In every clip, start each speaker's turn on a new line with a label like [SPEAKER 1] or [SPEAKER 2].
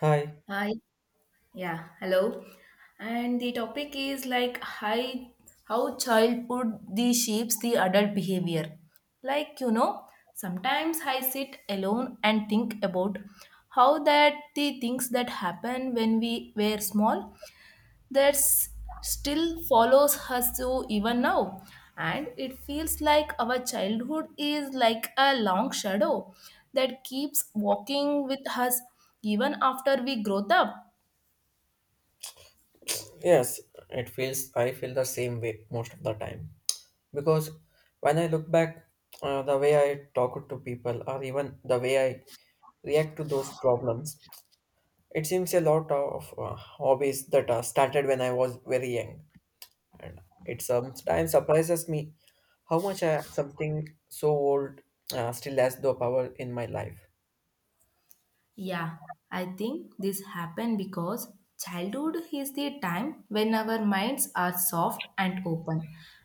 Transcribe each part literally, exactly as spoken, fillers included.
[SPEAKER 1] Hi.
[SPEAKER 2] Hi. Yeah, hello. And the topic is like hi, how childhood the shapes the adult behavior. Like, you know, sometimes I sit alone and think about how that the things that happen when we were small that s- still follows us so even now. And it feels like our childhood is like a long shadow that keeps walking with us even after we grow up.
[SPEAKER 1] Yes, it feels I feel the same way most of the time because when I look back, uh, the way I talk to people or even the way I react to those problems, it seems a lot of uh, hobbies that uh, started when I was very young, and it sometimes surprises me how much I something so old, uh, still has the power in my life.
[SPEAKER 2] Yeah, I think this happened because childhood is the time when our minds are soft and open,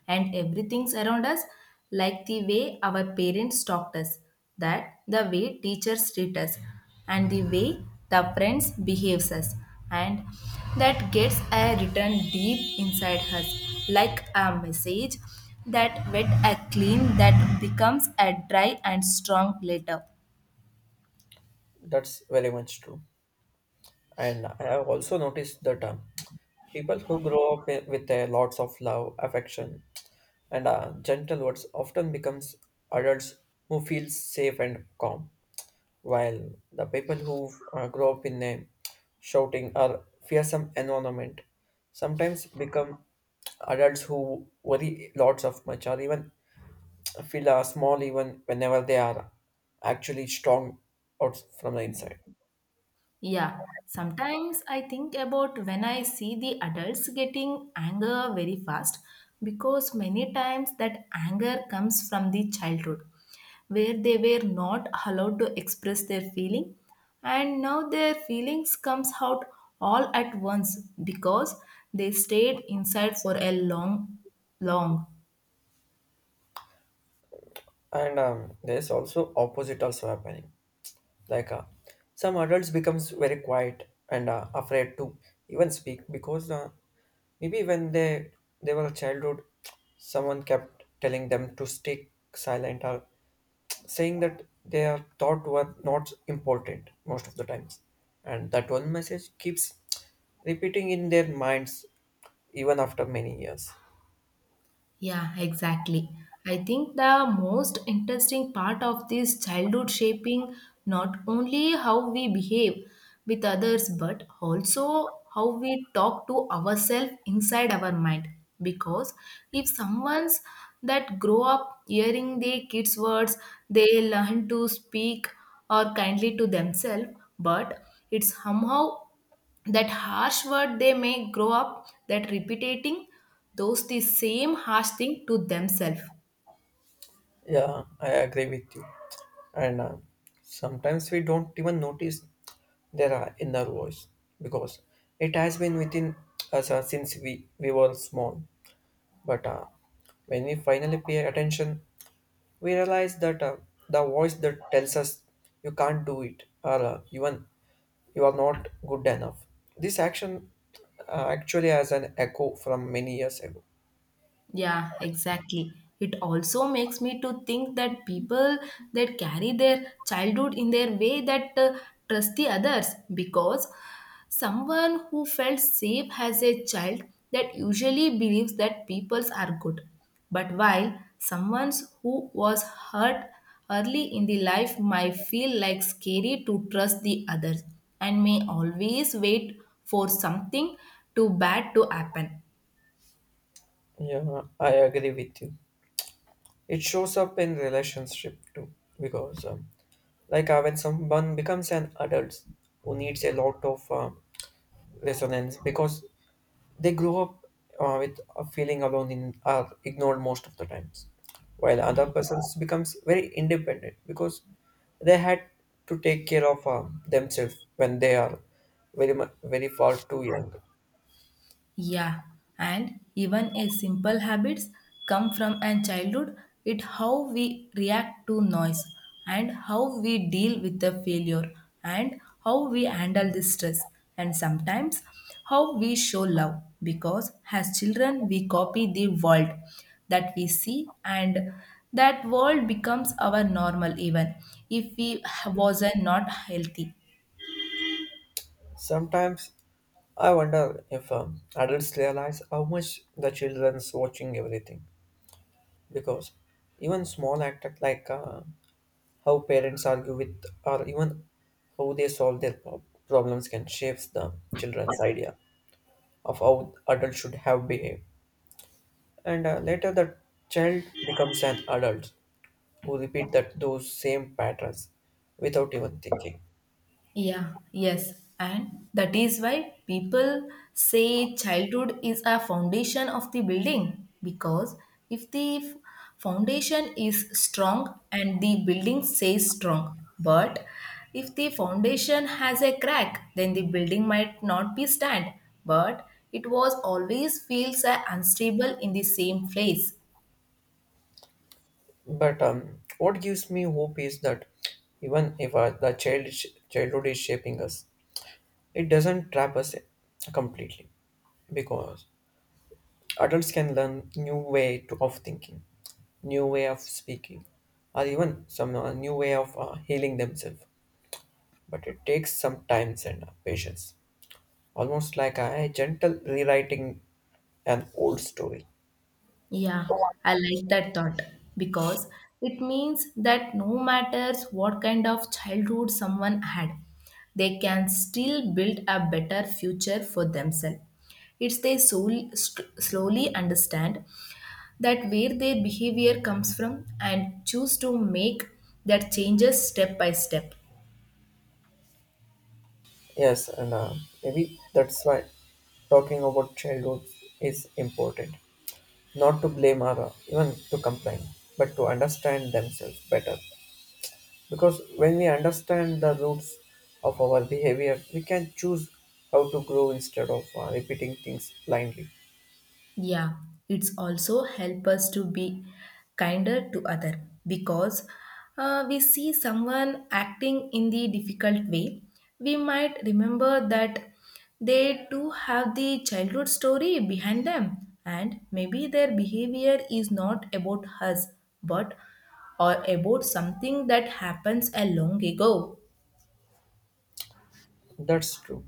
[SPEAKER 2] and everything's around us, like the way our parents taught us, that the way teachers treat us, and the way the friends behaves us, and that gets a written deep inside us, like a message that wet a clean that becomes a dry and strong later.
[SPEAKER 1] That's very much true, and I have also noticed that. Term. People who grow up wi- with a lots of love, affection, and uh, gentle words often becomes adults who feel safe and calm, while the people who uh, grow up in a shouting or fearsome environment sometimes become adults who worry lots of much or even feel uh, small even whenever they are actually strong out from the inside.
[SPEAKER 2] Yeah, sometimes I think about when I see the adults getting anger very fast because many times that anger comes from the childhood where they were not allowed to express their feeling and now their feelings comes out all at once because they stayed inside for a long long.
[SPEAKER 1] And um, there is also opposite also happening. Like uh, some adults becomes very quiet and uh, afraid to even speak because uh, maybe when they they were a childhood, someone kept telling them to stay silent or saying that their thought were not important most of the times, and that one message keeps repeating in their minds even after many years.
[SPEAKER 2] Yeah, exactly. I think the most interesting part of this childhood shaping not only how we behave with others but also how we talk to ourselves inside our mind because if someone's that grow up hearing the kids words they learn to speak or kindly to themselves but it somehow that harsh word they may grow up that repeating those the same harsh thing to themselves.
[SPEAKER 1] Yeah, I agree with you. And uh, sometimes we don't even notice there are inner voice because it has been within us uh, since we, we were small. But uh, when we finally pay attention, we realize that, uh, the voice that tells us you can't do it or uh, even you are not good enough. This action uh, actually has an echo from many years ago.
[SPEAKER 2] Yeah, exactly. It also makes me to think that people that carry their childhood in their way that uh, trust the others because someone who felt safe as a child that usually believes that peoples are good. But while someone who was hurt early in the life might feel like scary to trust the others and may always wait for something too bad to happen.
[SPEAKER 1] Yeah, I agree with you. It shows up in relationship too, because um, like uh, when someone becomes an adult who needs a lot of uh, resonance because they grow up uh, with a feeling alone in are ignored most of the times, while other persons becomes very independent because they had to take care of uh, themselves when they are very mu- very far too young.
[SPEAKER 2] Yeah, and even a simple habits come from a childhood. It how we react to noise and how we deal with the failure and how we handle the stress and sometimes how we show love because as children we copy the world that we see and that world becomes our normal even if we wasn't not healthy.
[SPEAKER 1] Sometimes I wonder if um, adults realize how much the children's watching everything because even small act like, uh, how parents argue with or even how they solve their prob- problems can shapes the children's idea of how adults should have behaved, and uh, later the child becomes an adult who repeat that those same patterns without even thinking.
[SPEAKER 2] Yeah, yes. And that is why people say childhood is a foundation of the building because if the f- foundation is strong and the building stays strong, but if the foundation has a crack, then the building might not be stand, but it was always feels uh, unstable in the same place.
[SPEAKER 1] But um, what gives me hope is that even if uh, the child childhood is shaping us, it doesn't trap us completely because adults can learn new way to, of thinking, new way of speaking, or even some, uh, new way of uh, healing themselves. But it takes some time and, uh, patience, almost like a gentle rewriting an old story.
[SPEAKER 2] Yeah, I like that thought because it means that no matters what kind of childhood someone had, they can still build a better future for themselves. It's they sol- st- slowly understand that where their behavior comes from and choose to make that changes step by step.
[SPEAKER 1] Yes, and, uh, maybe that's why talking about childhood is important. Not to blame or uh, even to complain, but to understand themselves better. Because when we understand the roots of our behavior, we can choose how to grow instead of uh, repeating things blindly.
[SPEAKER 2] Yeah, it's also help us to be kinder to other because uh, we see someone acting in the difficult way. We might remember that they too have the childhood story behind them, and maybe their behavior is not about us, but or about something that happens a long ago.
[SPEAKER 1] That's true.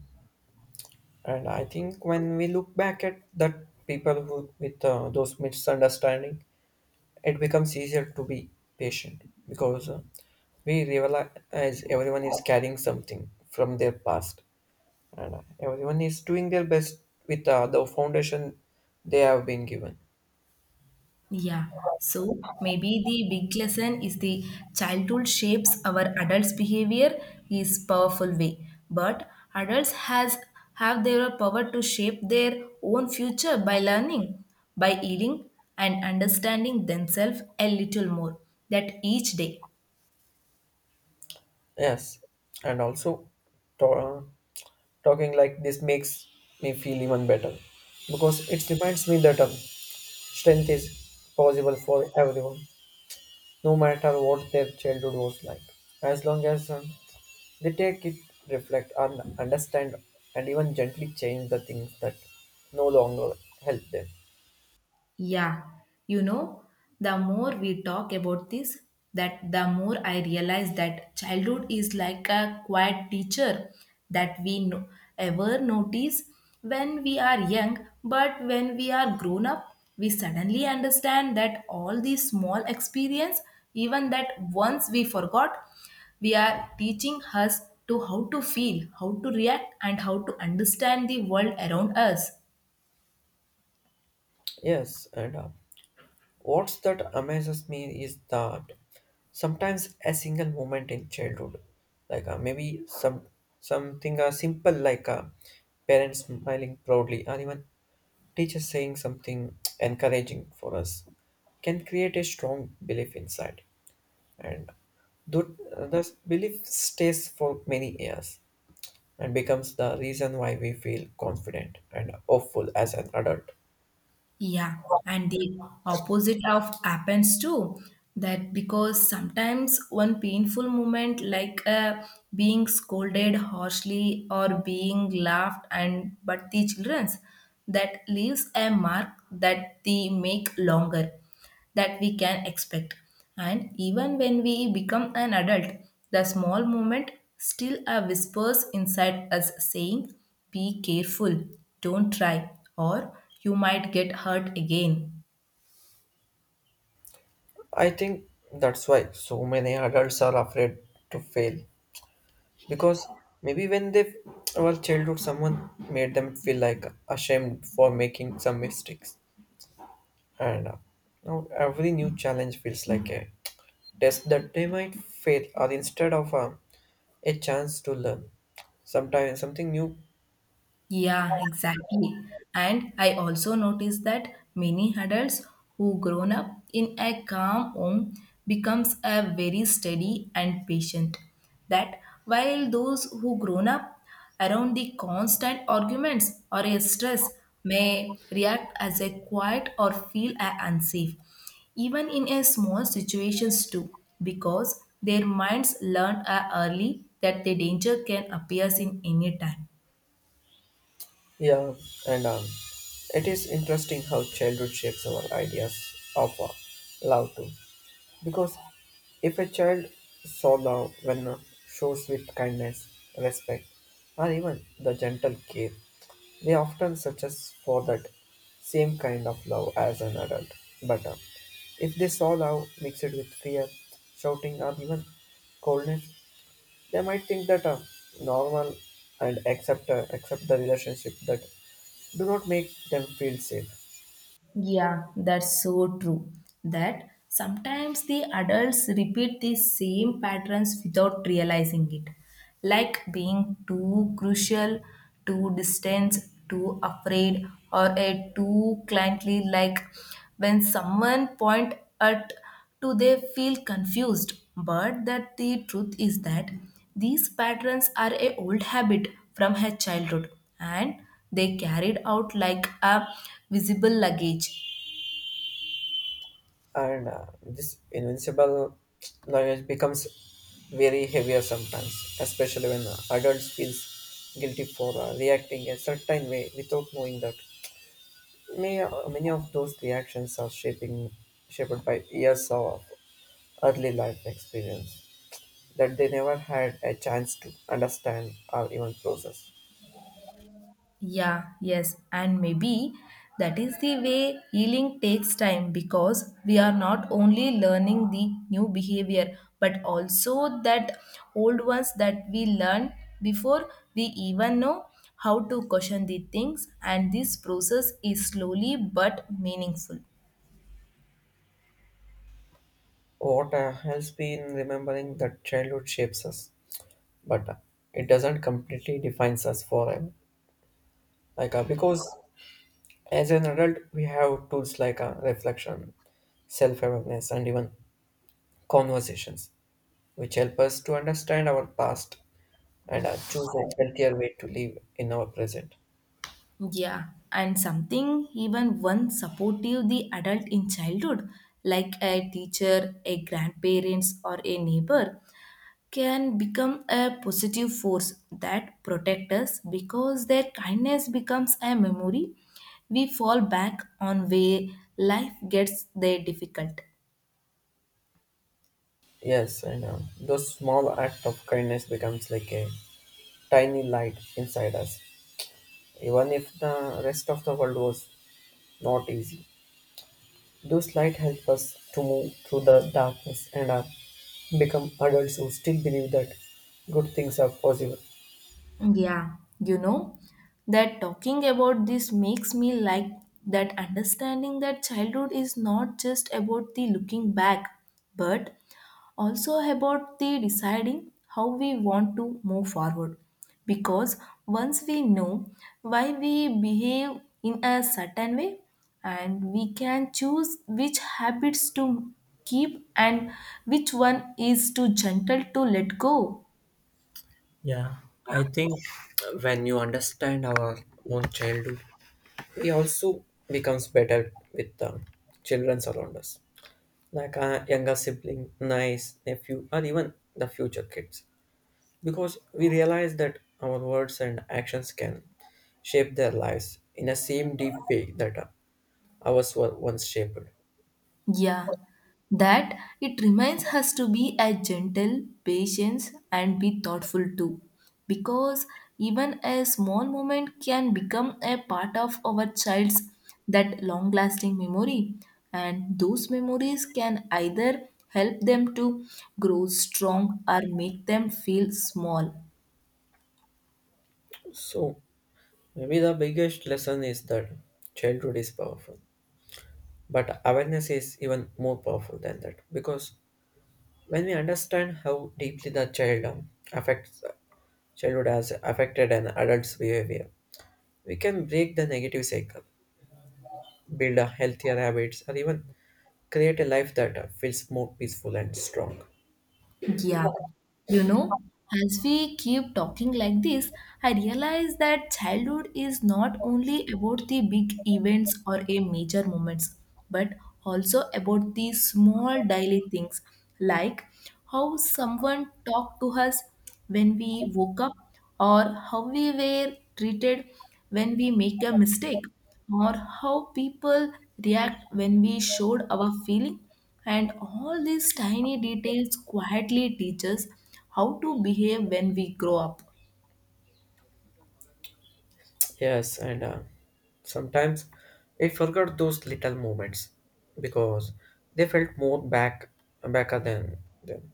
[SPEAKER 1] And I think when we look back at that people who with uh, those misunderstanding, it becomes easier to be patient because uh, we realize everyone is carrying something from their past, and uh, everyone is doing their best with uh, the foundation they have been given.
[SPEAKER 2] Yeah, so maybe the big lesson is the childhood shapes our adults' behavior is powerful way, but adults has have their power to shape their own future by learning, by eating and understanding themselves a little more that each day.
[SPEAKER 1] Yes, and also to- uh, talking like this makes me feel even better because it reminds me that um, strength is possible for everyone, no matter what their childhood was like. As long as um, they take it, reflect, and understand, and even gently change the things that no longer help them.
[SPEAKER 2] Yeah, you know, the more we talk about this, that the more I realize that childhood is like a quiet teacher that we no- ever notice when we are young, but when we are grown up, we suddenly understand that all these small experience, even that once we forgot, we are teaching us to how to feel, how to react, and how to understand the world around us.
[SPEAKER 1] Yes, and, uh, what's that amazes me is that sometimes a single moment in childhood, like, uh, maybe some something uh, simple like a parent smiling proudly or even teacher saying something encouraging for us, can create a strong belief inside, and th- this belief stays for many years and becomes the reason why we feel confident and hopeful as an adult.
[SPEAKER 2] Yeah, and the opposite of happens too. That because sometimes one painful moment, like uh, being scolded harshly or being laughed, and but the children's that leaves a mark that they make longer that we can expect. And even when we become an adult, the small moment still a whispers inside us saying, be careful, don't try, or you might get hurt again.
[SPEAKER 1] I think that's why so many adults are afraid to fail because maybe when they were childhood someone made them feel like ashamed for making some mistakes, and, uh, now every new challenge feels like a test that they might fail or instead of um, a chance to learn sometimes something new.
[SPEAKER 2] Yeah, exactly. And I also noticed that many adults who grown up in a calm home becomes a very steady and patient. That while those who grown up around the constant arguments or a stress may react as a quiet or feel a unsafe even in a small situations too because their minds learned uh, early that the danger can appears in any time.
[SPEAKER 1] Yeah and um, it is interesting how childhood shapes our ideas of uh, love too. Because if a child saw love when, uh, shows with kindness, respect, or even the gentle care, they often searches for that same kind of love as an adult. But uh, if they saw love mixed with fear, shouting, or even coldness, they might think that, uh, normal and accept uh, accept the relationship that do not make them feel safe.
[SPEAKER 2] Yeah, that's so true. That sometimes the adults repeat the same patterns without realizing it, like being too crucial, too distant, too afraid, or a too cliently. Like when someone point at do they feel confused but that the truth is that these patterns are a old habit from her childhood and they carried out like a visible luggage.
[SPEAKER 1] And uh, this invincible language becomes very heavier sometimes, especially when uh, adults feels guilty for uh, reacting a certain way without knowing that. May, uh, many of those reactions are shaping shaped by years of early life experience that they never had a chance to understand or even process.
[SPEAKER 2] Yeah, yes, and maybe that is the way healing takes time because we are not only learning the new behavior but also that old ones that we learned before we even know how to question the things, and this process is slowly but meaningful.
[SPEAKER 1] What, uh, helps me in remembering that childhood shapes us, but, uh, it doesn't completely defines us forever. Like uh, because as an adult, we have tools like, uh, reflection, self awareness, and even conversations, which help us to understand our past, and uh, choose a healthier way to live in our present.
[SPEAKER 2] Yeah, and something even one supportive the adult in childhood, like a teacher, a grandparents, or a neighbor, can become a positive force that protects us because their kindness becomes a memory we fall back on where life gets their difficult.
[SPEAKER 1] Yes, and uh, those small act of kindness becomes like a tiny light inside us, even if the rest of the world was not easy. Those light help us to move through the darkness and uh, become adults who still believe that good things are possible.
[SPEAKER 2] Yeah, you know that talking about this makes me like that understanding that childhood is not just about the looking back but also about the deciding how we want to move forward because once we know why we behave in a certain way and we can choose which habits to keep and which one is too gentle to let go.
[SPEAKER 1] I think when you understand our own childhood, we also becomes better with the children around us, like our younger sibling, nice nephew, or even the future kids, because we realize that our words and actions can shape their lives in a same deep way that, uh, ours were once shaped.
[SPEAKER 2] Yeah, that it reminds us to be a gentle, patient, and be thoughtful too. Because even a small moment can become a part of our child's that long lasting memory. And those memories can either help them to grow strong or make them feel small.
[SPEAKER 1] So maybe the biggest lesson is that childhood is powerful, but awareness is even more powerful than that, because when we understand how deeply the child um, affects uh, childhood has affected an adult's behavior, we can break the negative cycle, build a healthier habits, or even create a life that, uh, feels more peaceful and strong.
[SPEAKER 2] Yeah, you know, as we keep talking like this, I realize that childhood is not only about the big events or a major moments, but also about the small daily things like how someone talked to us when we woke up, or how we were treated when we make a mistake, or how people react when we showed our feeling and all these tiny details quietly teach us how to behave when we grow up.
[SPEAKER 1] Yes, and, uh, sometimes I forgot those little moments because they felt more back backer than them.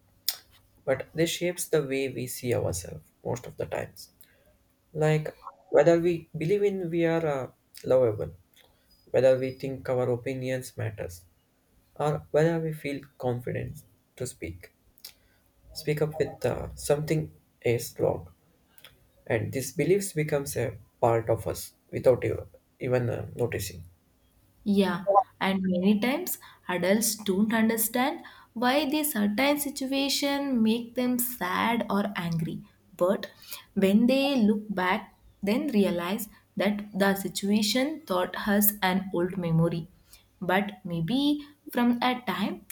[SPEAKER 1] But they shapes the way we see ourselves most of the times. Like whether we believe in we are, uh, lovable, whether we think our opinions matters, or whether we feel confident to speak speak up with, uh, something is wrong, and these beliefs becomes a part of us without ev- even uh, noticing.
[SPEAKER 2] Yeah, and many times adults don't understand why these certain situation make them sad or angry. But when they look back, then realize that the situation taught us an old memory. But maybe from a time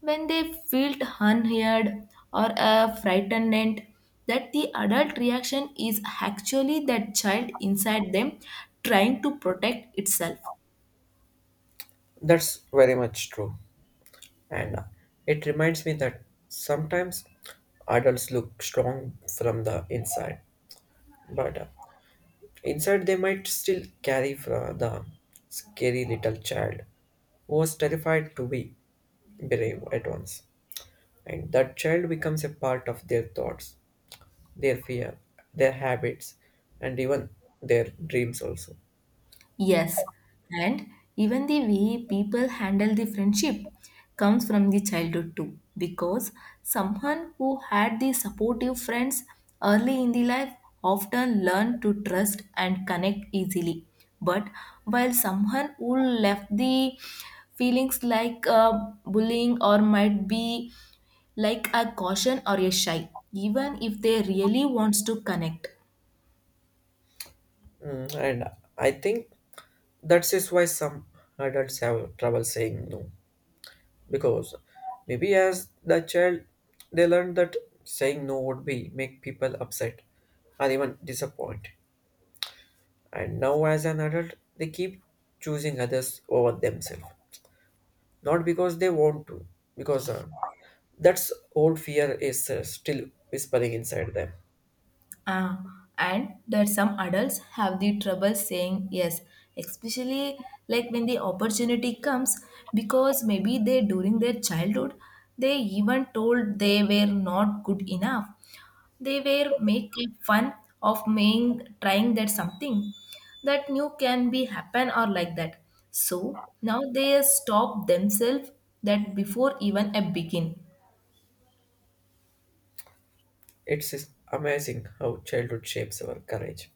[SPEAKER 2] when they felt unheard or uh, frightened, that the adult reaction is actually that child inside them trying to protect itself.
[SPEAKER 1] That's very much true, and, uh, it reminds me that sometimes adults look strong from the inside, but, uh, inside they might still carry fra- the scary little child who was terrified to be brave at once, and that child becomes a part of their thoughts, their fear, their habits, and even their dreams also.
[SPEAKER 2] Yes, and even the way people handle the friendship comes from the childhood too, because someone who had the supportive friends early in the life often learn to trust and connect easily. But while someone who left the feelings like uh, bullying or might be like a caution or a shy, even if they really wants to connect.
[SPEAKER 1] Mm, and I think that's just why some adults have trouble saying no, because maybe as the child they learned that saying no would be make people upset or even disappoint. And now as an adult they keep choosing others over themselves, not because they want to, because, uh, that's old fear is, uh, still whispering inside them.
[SPEAKER 2] Ah, and that some adults have the trouble saying yes, especially like when the opportunity comes, because maybe they during their childhood they even told they were not good enough. They were making fun of making trying that something that new can be happen or like that. So now they stop themselves that before even a begin.
[SPEAKER 1] It's is amazing how childhood shapes our courage,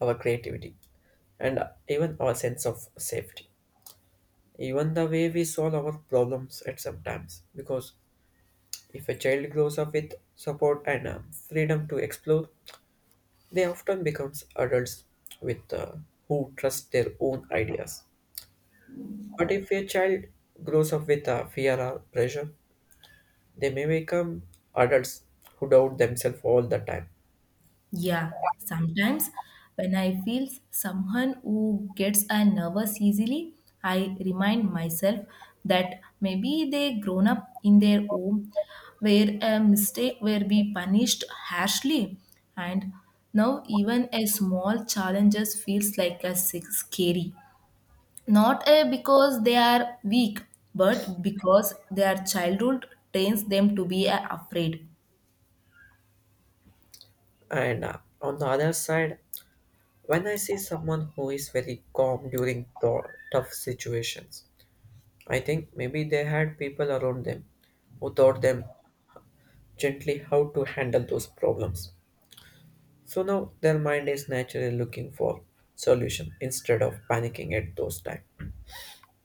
[SPEAKER 1] our creativity, and even our sense of safety, even the way we solve our problems at some times, because if a child grows up with support and, uh, freedom to explore, they often becomes adults with, uh, who trust their own ideas. But if a child grows up with, uh, fear or pressure, they may become adults who doubt themselves all the time.
[SPEAKER 2] Yeah, sometimes when I feel someone who gets a nervous easily, I remind myself that maybe they grown up in their home where a mistake will be punished harshly and now even a small challenges feels like a sick- scary not a because they are weak but because their childhood trains them to be a afraid.
[SPEAKER 1] And, uh, on the other side, when I see someone who is very calm during tou- tough situations, I think maybe they had people around them who taught them gently how to handle those problems. So now their mind is naturally looking for solution instead of panicking at those times.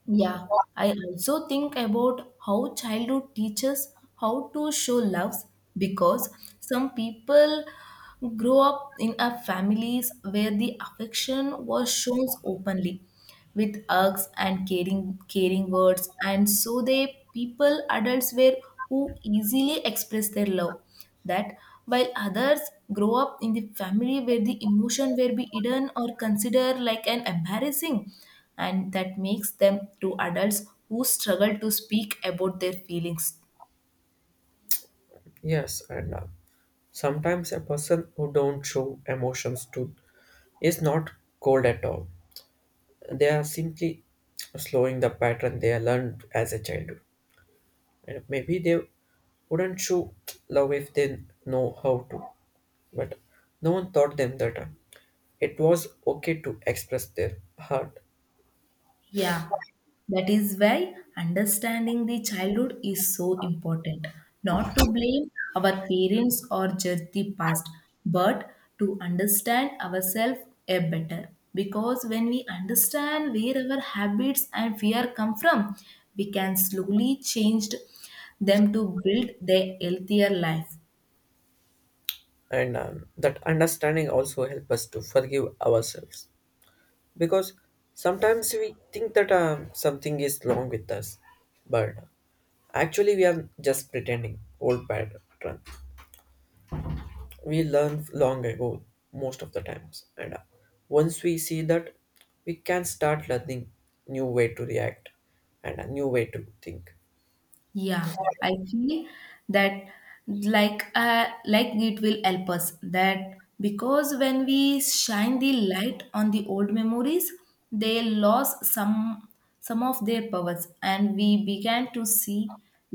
[SPEAKER 2] Yeah, I also think about how childhood teaches how to show love because some people grow up in a families where the affection was shown openly with hugs and caring caring words and so they people adults were who easily express their love that while others grow up in the family where the emotion were be hidden or considered like an embarrassing and that makes them to adults who struggle to speak about their feelings.
[SPEAKER 1] Yes, and, uh, sometimes a person who don't show emotions to is not cold at all. They are simply slowing the pattern they learned as a childhood. And maybe they wouldn't show love if they know how to, but no one taught them that, uh, it was okay to express their heart.
[SPEAKER 2] Yeah. That is why understanding the childhood is so important. Not to blame our parents or judge the past, but to understand ourselves a better. Because when we understand where our habits and fear come from, we can slowly change them to build their healthier life.
[SPEAKER 1] And um, that understanding also help us to forgive ourselves, because sometimes we think that, uh, something is wrong with us, but actually we are just pretending old pattern we learn long ago most of the times, and, uh, once we see that, we can start learning new way to react and a new way to think.
[SPEAKER 2] Yeah, I feel that like uh, like it will help us that because when we shine the light on the old memories, they lost some some of their powers, and we began to see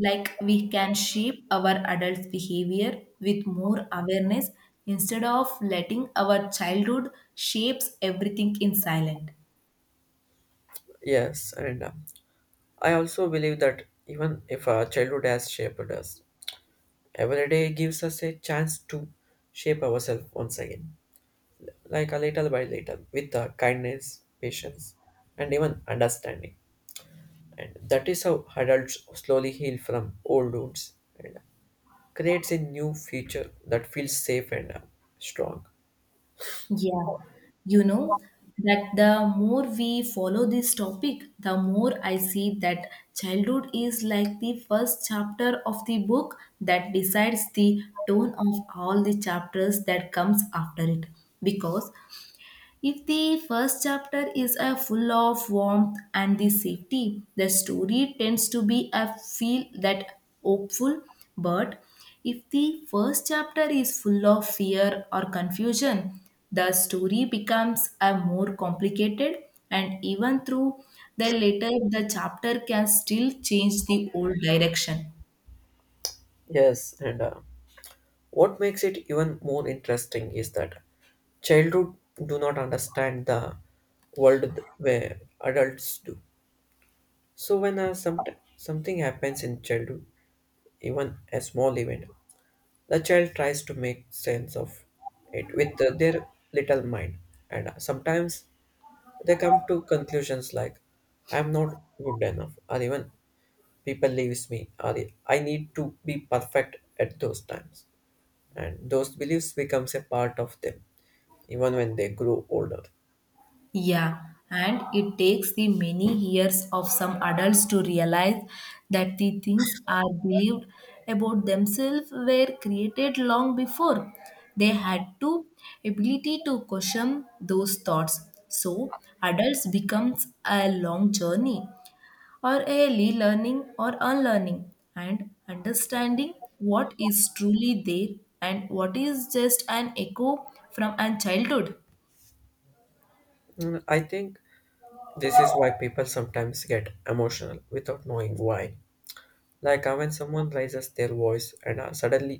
[SPEAKER 2] like we can shape our adult behavior with more awareness instead of letting our childhood shapes everything in silent.
[SPEAKER 1] Yes, and, uh, I also believe that even if our childhood has shaped us, every day gives us a chance to shape ourselves once again, like a little by little with, uh, kindness, patience, and even understanding. And that is how adults slowly heal from old wounds. And, uh, creates a new future that feels safe and, uh, strong.
[SPEAKER 2] Yeah, you know that the more we follow this topic, the more I see that childhood is like the first chapter of the book that decides the tone of all the chapters that comes after it. Because if the first chapter is a full of warmth and the safety, the story tends to be a feel that hopeful. But if the first chapter is full of fear or confusion, the story becomes a more complicated and even through the later the chapter can still change the old direction.
[SPEAKER 1] Yes, and, uh, what makes it even more interesting is that childhood do not understand the world th- where adults do. So when, uh, some, something happens in childhood, even a small event, the child tries to make sense of it with, uh, their little mind. And, uh, sometimes they come to conclusions like, I'm not good enough, or even people leaves me, or I need to be perfect at those times, and those beliefs becomes a part of them even when they grow older.
[SPEAKER 2] Yeah, and it takes the many years of some adults to realize that the things are believed about themselves were created long before. They had to ability to question those thoughts. So adults becomes a long journey or a relearning or unlearning and understanding what is truly there and what is just an echo from a childhood.
[SPEAKER 1] Mm, I think this is why people sometimes get emotional without knowing why, like, uh, when someone raises their voice and, uh, suddenly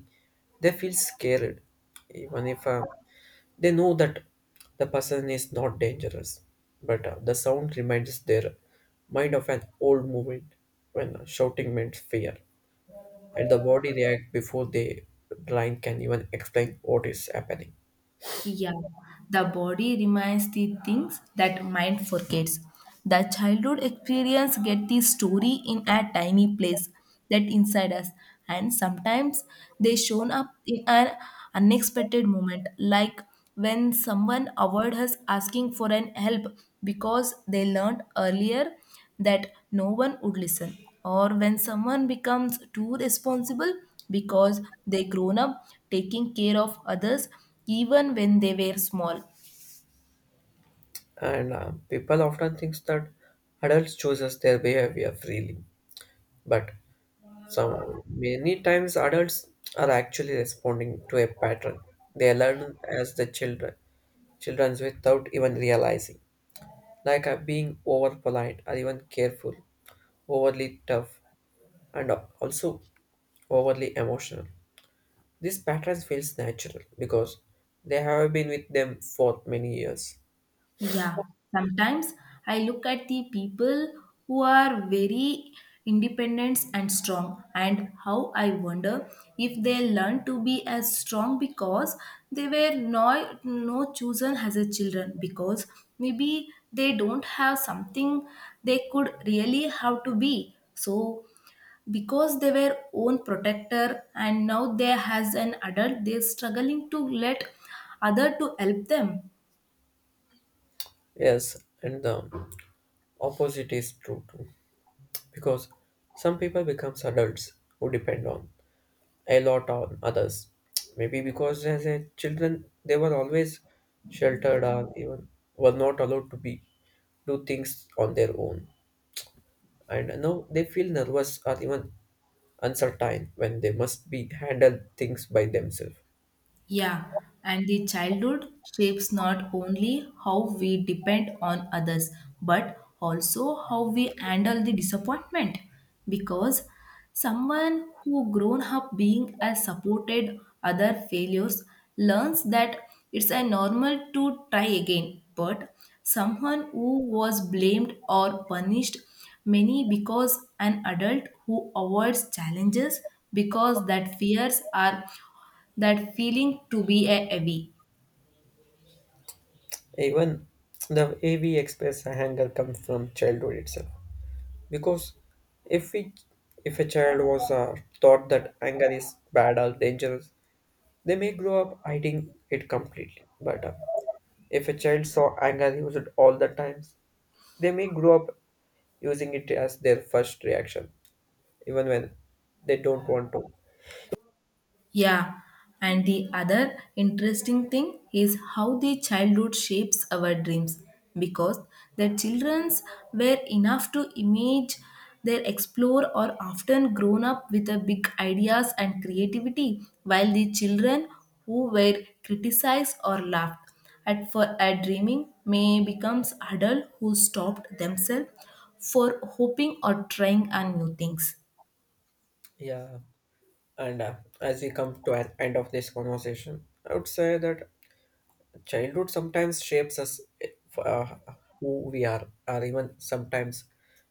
[SPEAKER 1] they feel scared even if, uh, they know that the person is not dangerous, but, uh, the sound reminds their mind of an old moment when, uh, shouting meant fear, and the body react before the blind can even explain what is happening.
[SPEAKER 2] Yeah, the body reminds the things that mind forgets. The childhood experience get the story in a tiny place that inside us, and sometimes they shown up in an unexpected moment, like when someone avoid us asking for an help because they learned earlier that no one would listen or when someone becomes too responsible because they grown up taking care of others even when they were small.
[SPEAKER 1] And, uh, people often think that adults chooses their behavior freely, but some many times adults are actually responding to a pattern they learn as the children, childrens without even realizing, like, uh, being over polite or even careful, overly tough, and also overly emotional. These patterns feels natural because they have been with them for many years.
[SPEAKER 2] Yeah, sometimes I look at the people who are very independent and strong, and how I wonder if they learn to be as strong because they were no, no chosen as a children because maybe they don't have something they could really have to be. So because they were own protector and now they as an adult they're struggling to let other to help them.
[SPEAKER 1] Yes, and the opposite is true too. Because some people becomes adults who depend on a lot on others. Maybe because as a children they were always sheltered or even were not allowed to be do things on their own. And now they feel nervous or even uncertain when they must be handle things by themselves.
[SPEAKER 2] Yeah, and the childhood shapes not only how we depend on others, but also how we handle the disappointment. Because someone who grown up being as supported other failures learns that it's a normal to try again. But someone who was blamed or punished many because an adult who avoids challenges because that fears are that feeling to be a heavy.
[SPEAKER 1] Even the way we express anger comes from childhood itself. Because if we if a child was, uh, taught that anger is bad or dangerous, they may grow up hiding it completely. But, uh, if a child saw anger used all the times, they may grow up using it as their first reaction, even when they don't want to.
[SPEAKER 2] Yeah, and the other interesting thing is how the childhood shapes our dreams because the childrens were enough to image their explore or often grown up with a big ideas and creativity while the children who were criticized or laughed at for a dreaming may becomes adult who stopped themselves for hoping or trying on new things,
[SPEAKER 1] Yeah, and, uh, as we come to an end of this conversation, I would say that childhood sometimes shapes us, uh, who we are, or even sometimes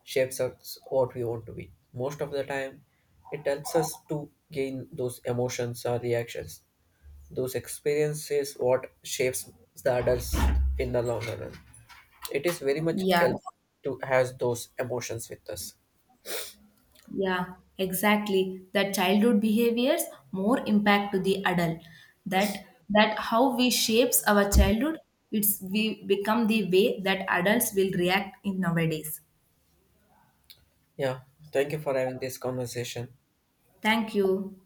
[SPEAKER 1] shapes us what we want to be. Most of the time, it helps us to gain those emotions or reactions. Those experiences what shapes the adults in the longer run. It is very much
[SPEAKER 2] yeah.
[SPEAKER 1] help to have those emotions with us.
[SPEAKER 2] Yeah, exactly. That childhood behaviors more impact to the adult. That that how we shapes our childhood, it's we become the way that adults will react in nowadays.
[SPEAKER 1] Yeah, thank you for having this conversation.
[SPEAKER 2] Thank you.